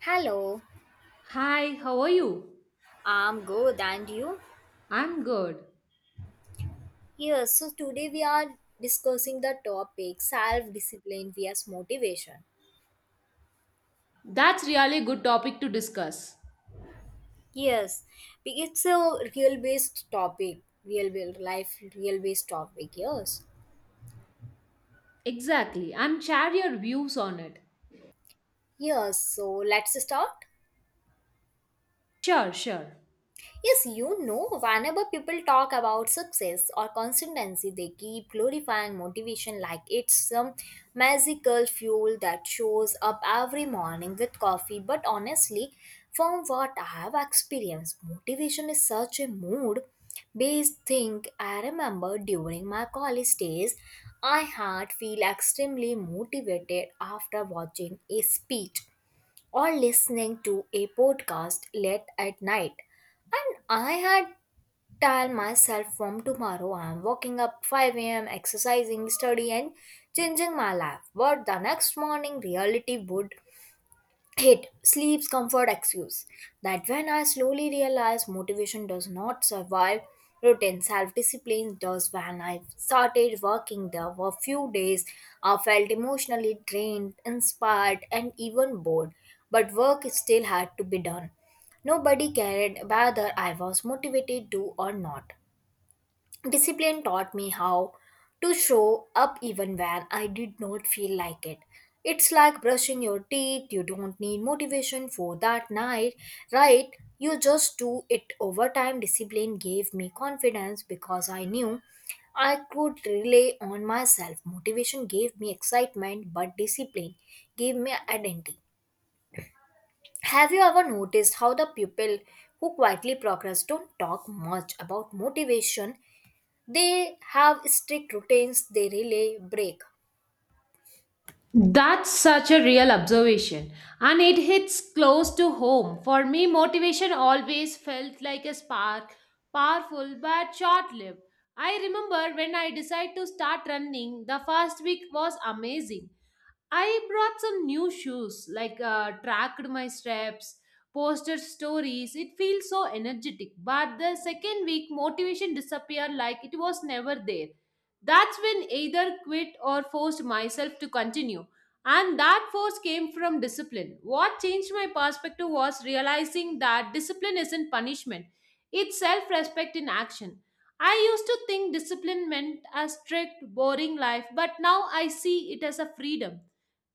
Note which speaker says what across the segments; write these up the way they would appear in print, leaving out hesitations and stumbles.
Speaker 1: Hello,
Speaker 2: Hi, how are you?
Speaker 1: I'm good, and you?
Speaker 2: I'm good.
Speaker 1: Yes, so today we are discussing the topic self discipline vs motivation.
Speaker 2: That's really a good topic to discuss.
Speaker 1: Yes, it's a real based topic, real life, real based topic. Yes,
Speaker 2: Exactly. I'm share your views on it.
Speaker 1: yes, so let's start.
Speaker 2: Sure, sure.
Speaker 1: Yes, you know, whenever people talk about success or consistency, they keep glorifying motivation like it's some magical fuel that shows up every morning with coffee. But honestly, from what I have experienced, motivation is such a mood based thing. I remember during my college days, I had feel extremely motivated after watching a speech or listening to a podcast late at night. And I had tell myself from tomorrow I'm waking up 5 a.m. exercising, study and changing my life. But the next morning reality would hit sleep's comfort excuse that when I slowly realized motivation does not survive routine, self discipline does. When I started working there for few days, I felt emotionally drained, inspired, and even bored. But work still had to be done. Nobody cared whether I was motivated to or not. Discipline taught me how to show up even when I did not feel like it. It's like brushing your teeth, you don't need motivation for that night, right? You just do it over time. Discipline gave me confidence because I knew I could rely on myself. Motivation gave me excitement, but discipline gave me identity. Have you ever noticed how the people who quietly progress don't talk much about motivation, they have strict routines they really break.
Speaker 2: That's such a real observation and it hits close to home. For me, motivation always felt like a spark, powerful but short lived. I remember when I decided to start running, the first week was amazing. I brought some new shoes, tracked my steps, posted stories. It feels so energetic. But the second week, motivation disappeared like it was never there. That's when either quit or forced myself to continue. And that force came from discipline. What changed my perspective was realizing that discipline isn't punishment, it's self respect in action. I used to think discipline meant a strict, boring life, but now I see it as a freedom.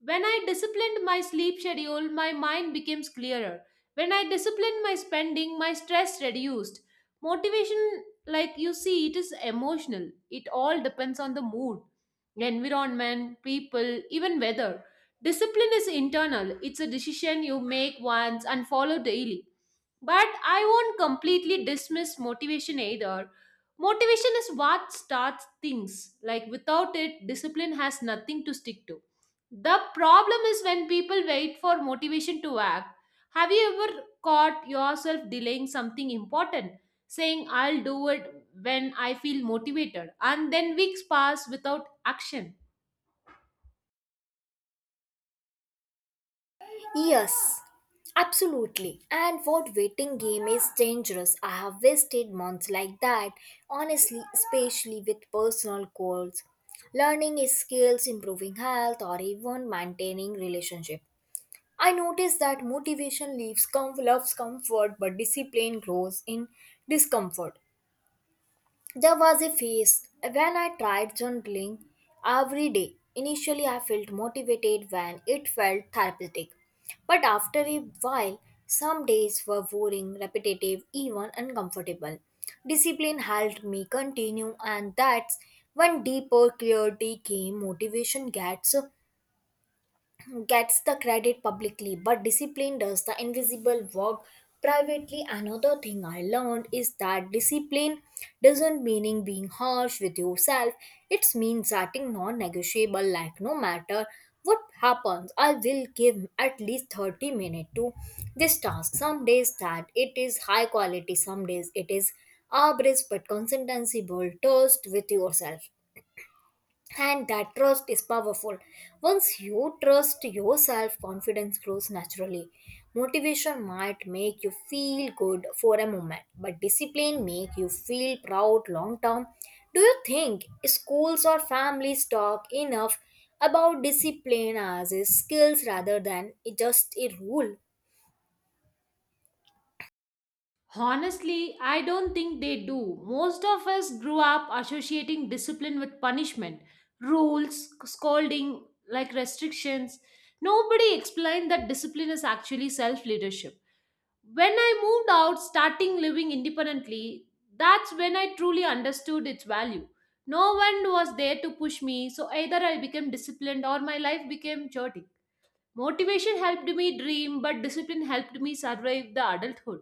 Speaker 2: When I disciplined my sleep schedule, my mind became clearer. When I disciplined my spending, my stress reduced. Motivation, like you see, it is emotional. It all depends on the mood, environment, people, even weather. Discipline is internal, it's a decision you make once and follow daily. But I won't completely dismiss motivation either. Motivation is what starts things. Like without it, discipline has nothing to stick to. The problem is when people wait for motivation to act. Have you ever caught yourself delaying something important, saying, I'll do it when I feel motivated, and then weeks pass without action?
Speaker 1: Yes, absolutely. And what waiting game is dangerous. I have wasted months like that, honestly, especially with personal goals. Learning is skills, improving health, or even maintaining relationship. I notice that motivation loves comfort, but discipline grows in discomfort. There was a phase when I tried journaling every day. Initially, I felt motivated when it felt therapeutic. But after a while, some days were boring, repetitive, even uncomfortable. Discipline helped me continue, and that's when deeper clarity came. Motivation gets the credit publicly, but discipline does the invisible work privately. Another thing I learned is that discipline doesn't mean being harsh with yourself. It means setting non-negotiable like no matter what happens, I will give at least 30 minutes to this task. Some days that it is high quality, some days it is average, but consistency build trust with yourself, and that trust is powerful. Once you trust yourself, confidence grows naturally. Motivation might make you feel good for a moment, but discipline make you feel proud long term. Do you think schools or families talk enough about discipline as a skills rather than just a rule?
Speaker 2: Honestly, I don't think they do. Most of us grew up associating discipline with punishment, rules, scolding, like restrictions. Nobody explained that discipline is actually self leadership. When I moved out, starting living independently, that's when I truly understood its value. No one was there to push me, so either I became disciplined or my life became chaotic. Motivation helped me dream, but discipline helped me survive the adulthood.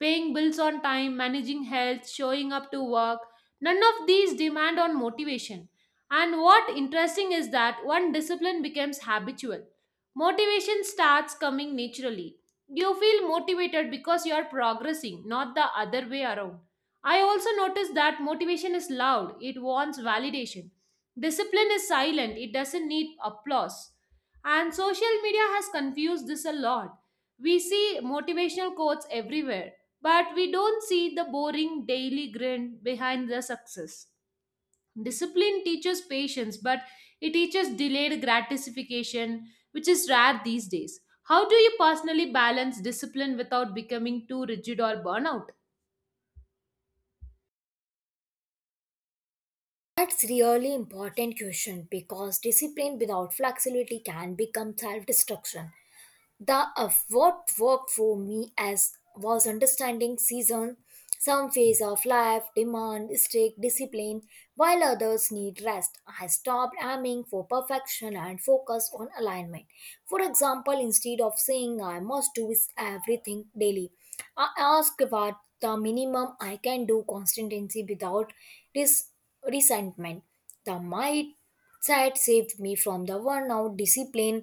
Speaker 2: Paying bills on time, managing health, showing up to work, none of these demand on motivation. And what interesting is that one discipline becomes habitual. Motivation starts coming naturally. You feel motivated because you are progressing, not the other way around. I also noticed that motivation is loud, it wants validation. Discipline is silent, it doesn't need applause. And social media has confused this a lot. We see motivational quotes everywhere, but we don't see the boring daily grind behind the success. Discipline teaches patience, but it teaches delayed gratification, which is rare these days. How do you personally balance discipline without becoming too rigid or burnout?
Speaker 1: That's really important question because discipline without flexibility can become self-destruction. The what worked for me as was understanding season. Some phase of life demand strict discipline while others need rest. I stopped aiming for perfection and focused on alignment. For example, instead of saying I must do everything daily, I asked what the minimum I can do consistency without res- resentment. The mindset saved me from the burnout. Discipline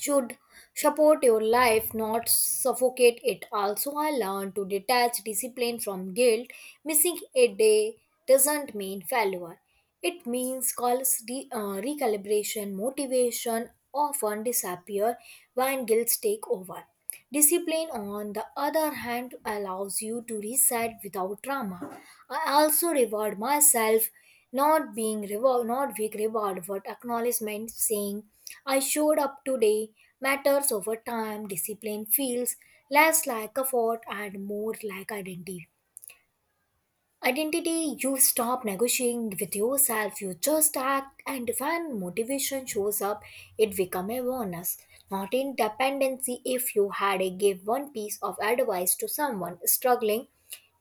Speaker 1: should support your life, not suffocate it. Also, I learned to detach discipline from guilt. Missing a day doesn't mean failure, it means recalibration. Motivation often disappear when guilt take over. Discipline, on the other hand, allows you to reset without drama. I also reward myself, not being rewarded, but acknowledgement saying, I showed up today, matters. Over time, discipline feels less like effort and more like identity. Identity, you stop negotiating with yourself, you just act, and when motivation shows up, it becomes a bonus, not in dependency. If you had a give one piece of advice to someone struggling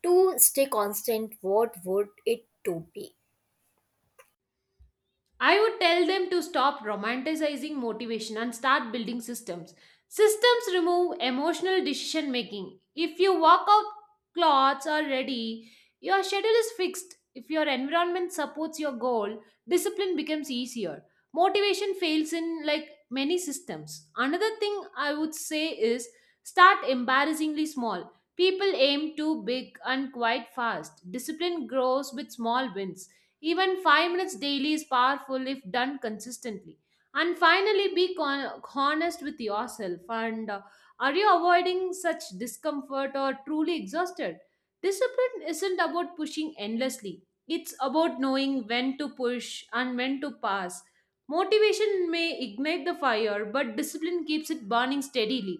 Speaker 1: to stay constant, what would it to be?
Speaker 2: I would tell them to stop romanticizing motivation and start building systems. Systems remove emotional decision making. If your workout clothes are ready, your schedule is fixed. If your environment supports your goal, discipline becomes easier. Motivation fails in like many systems. Another thing I would say is start embarrassingly small. People aim too big and quite fast. Discipline grows with small wins. Even 5 minutes daily is powerful if done consistently. And finally, be honest with yourself. And Are you avoiding such discomfort or truly exhausted? Discipline isn't about pushing endlessly, it's about knowing when to push and when to pass. Motivation may ignite the fire, but discipline keeps it burning steadily.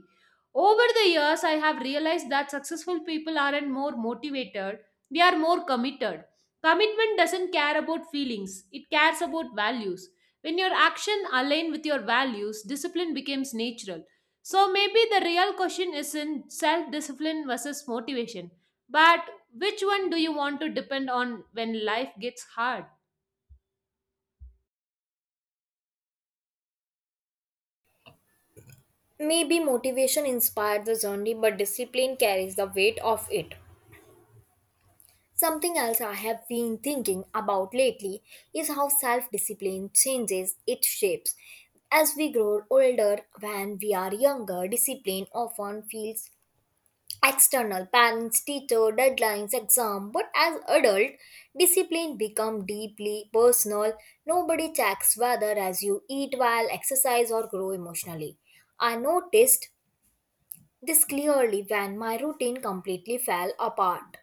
Speaker 2: Over the years, I have realized that successful people aren't more motivated, they are more committed. Commitment doesn't care about feelings, it cares about values. When your action align with your values, discipline becomes natural. So maybe the real question isn't self-discipline versus motivation, but which one do you want to depend on when life gets hard?
Speaker 1: Maybe motivation inspired the journey, but discipline carries the weight of it. Something else I have been thinking about lately is how self discipline changes its shapes. As we grow older, when we are younger, discipline often feels external parents, teacher, deadlines, exam. But as adult, discipline become deeply personal. Nobody checks whether as you eat well, exercise, or grow emotionally. I noticed this clearly when my routine completely fell apart.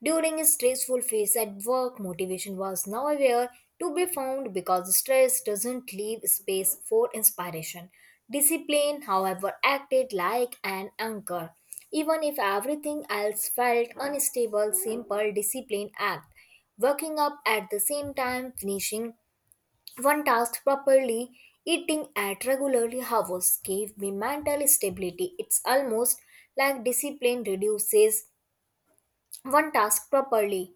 Speaker 1: During a stressful phase at work, motivation was nowhere to be found because stress doesn't leave space for inspiration. Discipline, however, acted like an anchor. Even if everything else felt unstable, simple discipline act. Working up at the same time, finishing one task properly, eating at regularly hours gave me mental stability. It's almost like discipline reduces one task properly.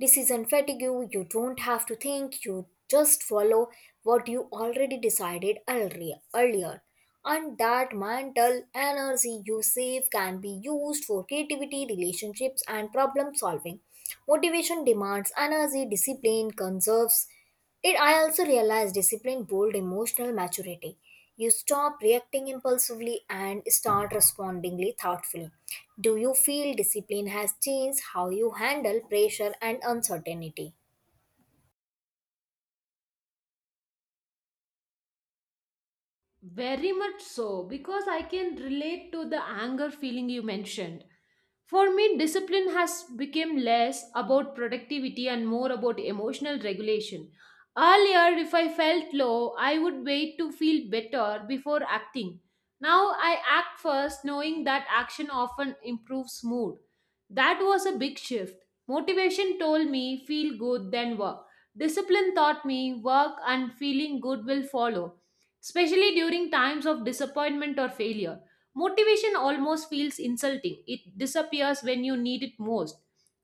Speaker 1: Decision fatigue, you don't have to think, you just follow what you already decided earlier. And that mental energy you save can be used for creativity, relationships, and problem solving. Motivation demands energy, discipline conserves it. I also realized discipline bold emotional maturity. You stop reacting impulsively and start respondingly thoughtfully. Do you feel discipline has changed how you handle pressure and uncertainty?
Speaker 2: Very much so, because I can relate to the anger feeling you mentioned. For me, discipline has become less about productivity and more about emotional regulation. Earlier, if I felt low, I would wait to feel better before acting. Now I act first, knowing that action often improves mood. That was a big shift. Motivation told me feel good, then work. Discipline taught me work and feeling good will follow especially during times of disappointment or failure. Motivation almost feels insulting, it disappears when you need it most.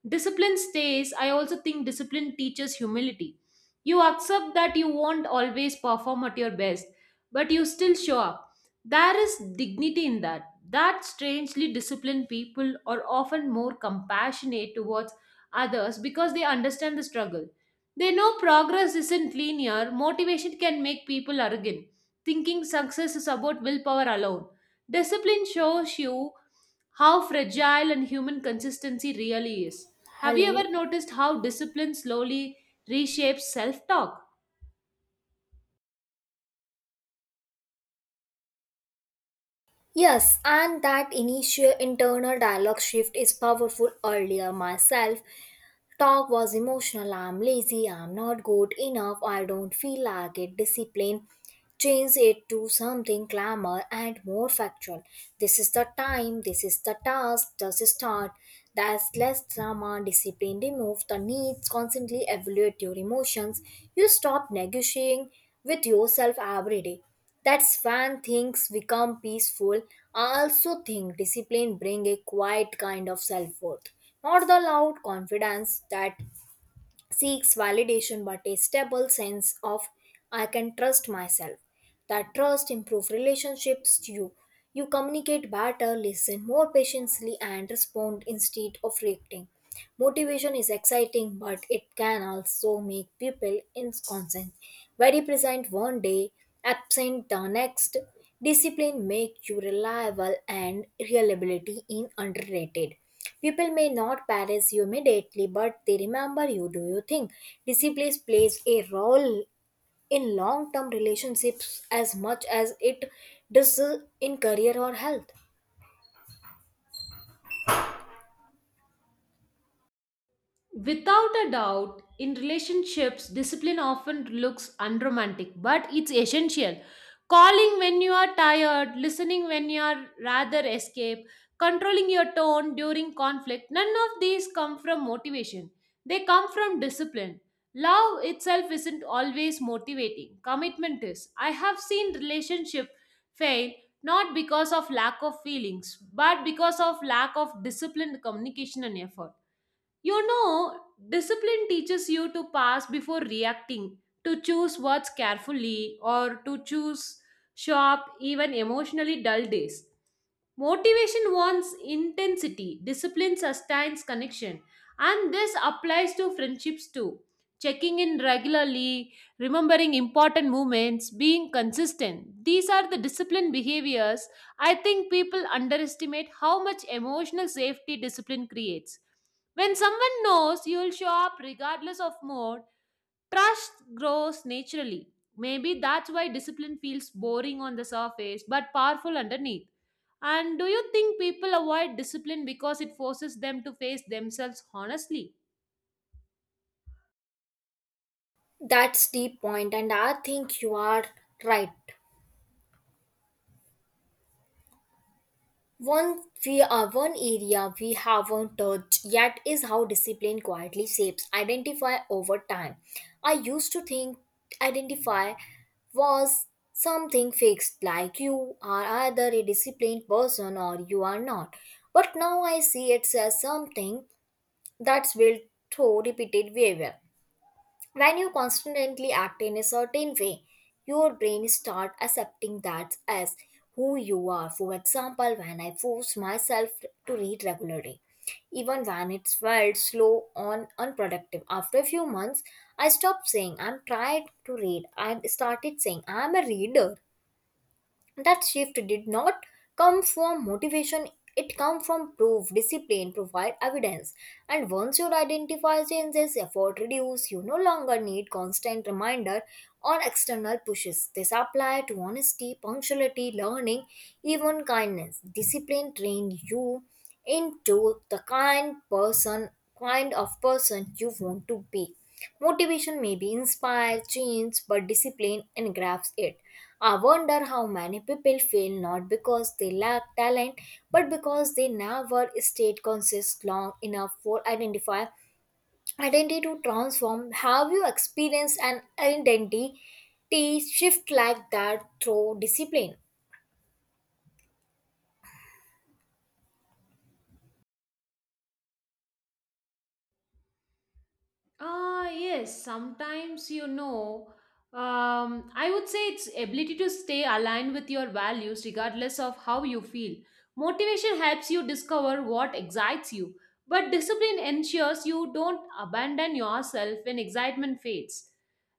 Speaker 2: Discipline stays. I also think discipline teaches humility. You accept that you won't always perform at your best, but you still show up. There is dignity in that. That strangely disciplined people are often more compassionate towards others because they understand the struggle. They know progress isn't linear, motivation can make people arrogant thinking success is about willpower alone. Discipline shows you how fragile and human consistency really is. Have you
Speaker 1: Hello.
Speaker 2: ever noticed how discipline slowly reshapes self talk?
Speaker 1: Yes, and that initial internal dialogue shift is powerful. Earlier, myself talk was emotional. I'm lazy. I'm not good enough. I don't feel like it. Discipline. Change it to something calmer and more factual. This is the time. This is the task. Just start. That's less drama. Discipline. Remove the needs. Constantly evaluate your emotions. You stop negotiating with yourself every day. That's when things become peaceful. I also think discipline bring a quiet kind of self worth, not the loud confidence that seeks validation but a stable sense of I can trust myself. That trust improves relationships to you. You communicate better, listen more patiently, and respond instead of reacting. Motivation is exciting, but it can also make people inconstant. Very present one day, absent the next. Discipline makes you reliable, and reliability in underrated. People may not praise you immediately, but they remember you. Do you think discipline plays a role in long term relationships as much as it does in career or health?
Speaker 2: Without a doubt, in relationships, discipline often looks unromantic, but it's essential. Calling when you are tired, listening when you are rather escape, controlling your tone during conflict, none of these come from motivation. They come from discipline. Love itself isn't always motivating, commitment is. I have seen relationship fail not because of lack of feelings, but because of lack of disciplined communication and effort. You know, discipline teaches you to pass before reacting, to choose words carefully, or to choose sharp, even emotionally dull days. Motivation wants intensity, discipline sustains connection, and this applies to friendships too. Checking in regularly, remembering important moments, being consistent. These are the discipline behaviors. I think people underestimate how much emotional safety discipline creates. When someone knows you'll show up regardless of mood, trust grows naturally. Maybe that's why discipline feels boring on the surface but powerful underneath. And do you think people avoid discipline because it forces them to face themselves honestly?
Speaker 1: That's the point, and I think you are right. One area we haven't touched yet is how discipline quietly shapes identify over time. I used to think identify was something fixed like you are either a disciplined person or you are not. But now I see it as something that's built through repeated behavior. When you constantly act in a certain way, your brain starts accepting that as who you are. For example, when I forced myself to read regularly, even when it felt slow or unproductive, after a few months, I stopped saying I'm tired to read and started saying I'm a reader. That shift did not come from motivation, it come from proof. Discipline provide evidence, and once you identify changes, effort reduce. You no longer need constant reminder or external pushes. This apply to honesty, punctuality, learning, even kindness. Discipline train you into the kind person kind of person you want to be. Motivation may be inspired, change, but discipline engrafts it. I wonder how many people fail not because they lack talent but because they never stayed conscious long enough for identify identity to transform. Have you experienced an identity shift like that through discipline?
Speaker 2: Ah yes, sometimes you know, I would say it's ability to stay aligned with your values regardless of how you feel. Motivation helps you discover what excites you, but discipline ensures you don't abandon yourself when excitement fades.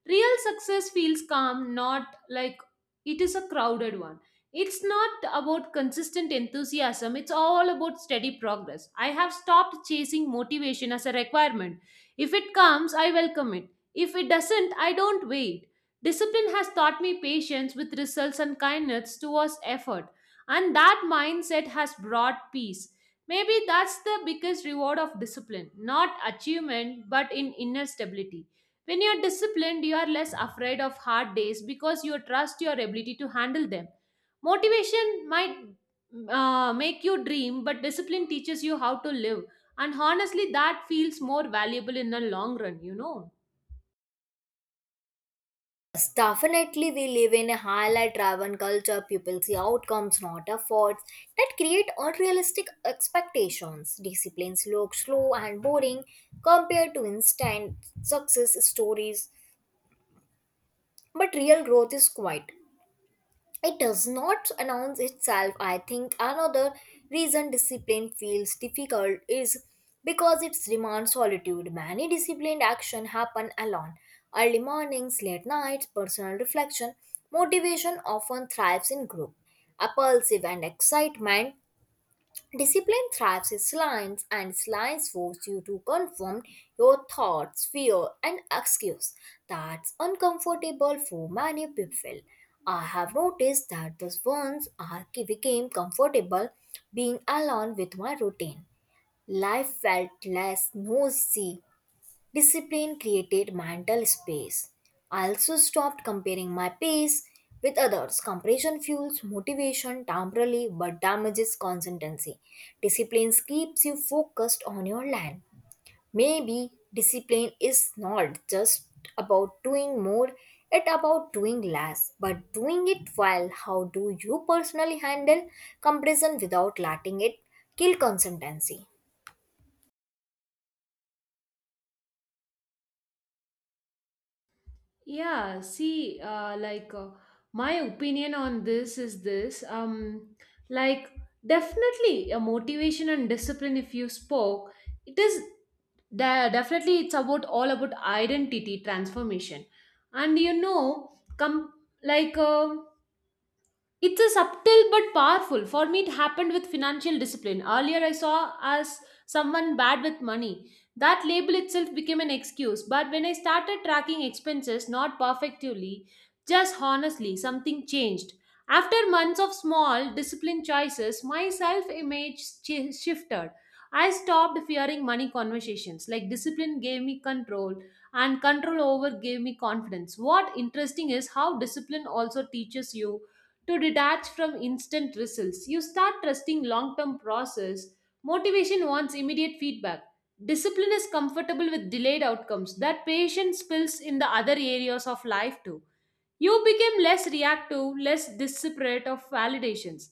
Speaker 2: Real success feels calm, not like it is a crowded one. It's not about consistent enthusiasm, it's all about steady progress. I have stopped chasing motivation as a requirement if it comes, I welcome it. If it doesn't, I don't wait. Discipline has taught me patience with results and kindness towards effort, and that mindset has brought peace. Maybe that's the biggest reward of discipline, not achievement, but in inner stability. When you're disciplined, you are less afraid of hard days because you trust your ability to handle them. Motivation might make you dream, but discipline teaches you how to live. And honestly, that feels more valuable in the long run, you know.
Speaker 1: Yes, definitely we live in a highlight driven culture. People see outcomes, not efforts, that create unrealistic expectations. Disciplines look slow and boring compared to instant success stories, but real growth is quiet, it does not announce itself. I think another reason discipline feels difficult is because it demands solitude. Many disciplined action happen alone, early mornings, late nights, personal reflection. Motivation often thrives in group, impulsive and excitement. Discipline thrives in silence, and silence forces you to confront your thoughts, fear, and excuse. That's uncomfortable for many people. I have noticed that the once I became comfortable being alone with my routine, life felt less noisy. Discipline created mental space. I also stopped comparing my pace with others. Comparison fuels motivation temporarily but damages consistency. Discipline keeps you focused on your land. Maybe discipline is not just about doing more, it's about doing less, but doing it well. How do you personally handle comparison without letting it kill consistency?
Speaker 2: Yeah, see, my opinion on this is this, like Definitely a motivation and discipline. If you spoke, it is definitely it's about all about identity transformation, and you know, come like. It's a subtle but powerful. For me, it happened with financial discipline. Earlier, I saw as someone bad with money. That label itself became an excuse. But when I started tracking expenses, not perfectly, just honestly, something changed. After months of small, disciplined choices, my self image chi shifted. I stopped fearing money conversations. Like, discipline gave me control, and control over gave me confidence. What interesting is how discipline also teaches you to detach from instant results. You start trusting long term process. Motivation wants immediate feedback. Discipline is comfortable with delayed outcomes. That patience spills in the other areas of life too. You became less reactive, less desperate of validations.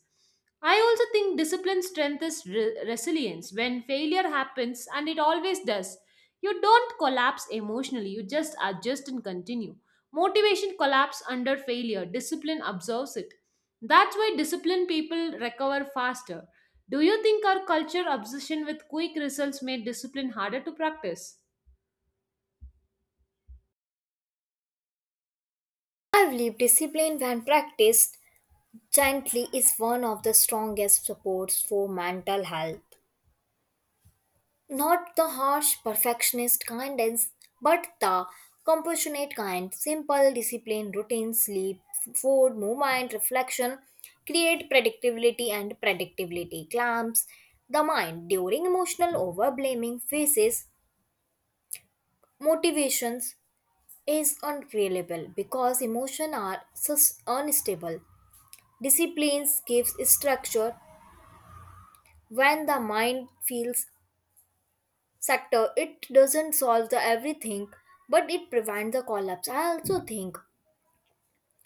Speaker 2: I also think discipline strengthens resilience. When failure happens, and it always does, you don't collapse emotionally, you just adjust and continue. Motivation collapses under failure, discipline absorbs it. That's why disciplined people recover faster. Do you think our culture obsession with quick results made discipline harder to practice?
Speaker 1: I've lived discipline when practiced gently is one of the strongest supports for mental health. Not the harsh perfectionist kindness, but the compassionate kind. Simple discipline, routine, sleep, food, movement, reflection create predictability, and predictability clamps the mind during emotional overblaming phases. Motivations is unreliable because emotions are unstable. Disciplines gives structure. When the mind feels sector, it doesn't solve the everything, but it prevents the collapse. I also think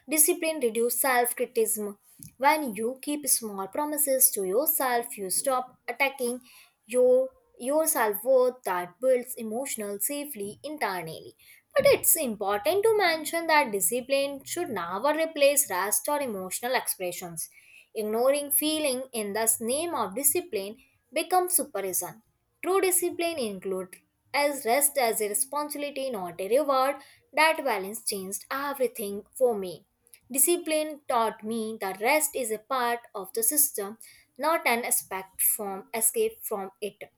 Speaker 1: discipline reduces self-criticism. When you keep small promises to yourself, you stop attacking your your self-worth. That builds emotional safely internally. But it's important to mention that discipline should never replace rest or emotional expressions. Ignoring feeling in the name of discipline becomes supervision. True discipline includes as rest as a responsibility, not a reward. That balance changed everything for me. Discipline taught me that rest is a part of the system, not an aspect from escape from it.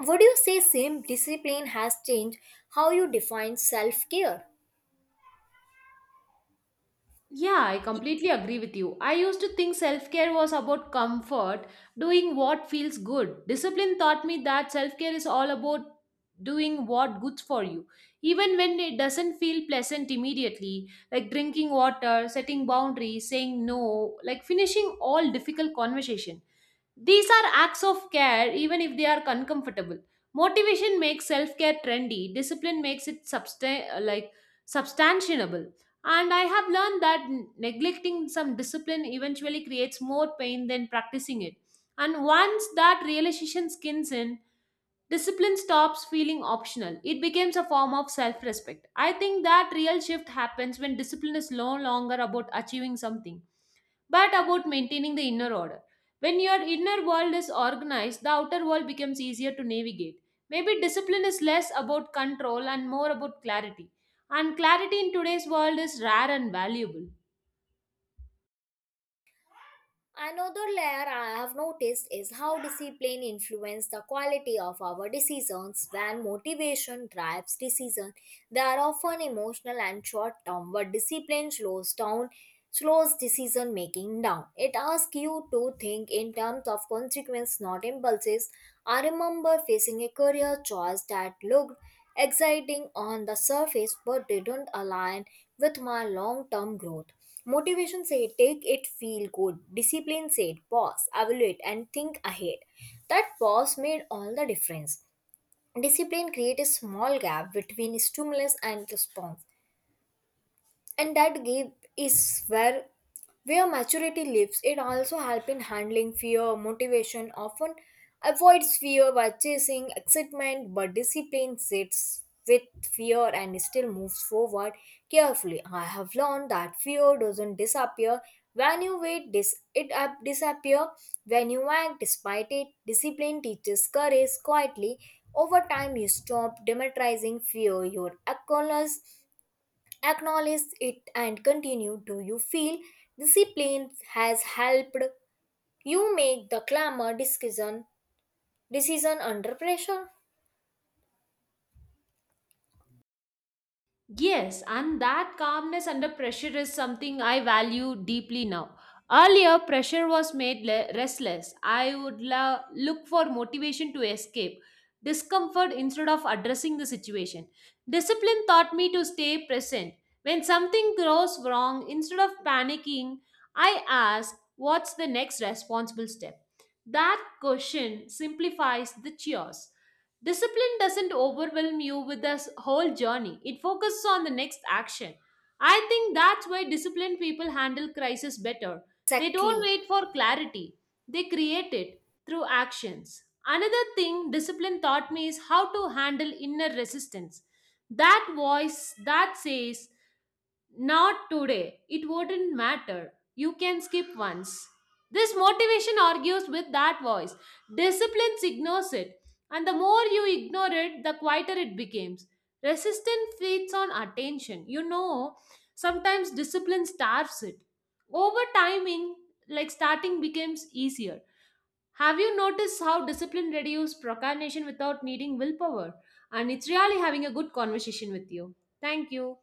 Speaker 1: Would you say same discipline has changed how you define self-care?
Speaker 2: Yeah, I completely agree with you. I used to think self care was about comfort, doing what feels good. Discipline taught me that self care is all about doing what good for you, even when it doesn't feel pleasant immediately, like drinking water, setting boundaries, saying no, like finishing all difficult conversation. These are acts of care, even if they are uncomfortable. Motivation makes self care trendy, discipline makes it substantiable. And I have learned that neglecting some discipline eventually creates more pain than practicing it. And once that realization skins in, discipline stops feeling optional. It becomes a form of self respect. I think that real shift happens when discipline is no longer about achieving something, but about maintaining the inner order. When your inner world is organized, the outer world becomes easier to navigate. Maybe discipline is less about control and more about clarity. And clarity in today's world is rare and valuable.
Speaker 1: Another layer I have noticed is how discipline influences the quality of our decisions. When motivation drives decision, they are often emotional and short term, but discipline slows decision making down. It asks you to think in terms of consequence, not impulses. I remember facing a career choice that looked exciting on the surface but didn't align with my long term growth. Motivation said, take it, feel good. Discipline said, pause, evaluate, and think ahead. That pause made all the difference. Discipline creates a small gap between stimulus and response, and that gap is where where maturity lives. It also helps in handling fear. Motivation often avoids fear by chasing excitement, but discipline sits with fear and still moves forward carefully. I have learned that fear doesn't disappear when you wait, this it up disappear when you act despite it. Discipline teaches courage quietly. Over time, you stop demonizing fear, your accolades acknowledge it and continue. Do you feel discipline has helped you make the clamor decision decision under pressure?
Speaker 2: Yes, and that calmness under pressure is something I value deeply now. Earlier, pressure was made restless. I would look for motivation to escape discomfort instead of addressing the situation. Discipline taught me to stay present. When something goes wrong, instead of panicking, I ask, what's the next responsible step? That question simplifies the chaos. Discipline doesn't overwhelm you with this whole journey, it focuses on the next action. I think that's why disciplined people handle crisis better. They don't
Speaker 1: Exactly.
Speaker 2: wait for clarity, they create it through actions. Another thing discipline taught me is how to handle inner resistance. That voice that says, not today. It wouldn't matter. You can skip once. This motivation argues with that voice. Discipline ignores it. And the more you ignore it, the quieter it becomes. Resistance feeds on attention. You know, sometimes discipline starves it. Over timing, like starting becomes easier. Have you noticed how discipline reduces procrastination without needing willpower? And it's really having a good conversation with you. Thank you.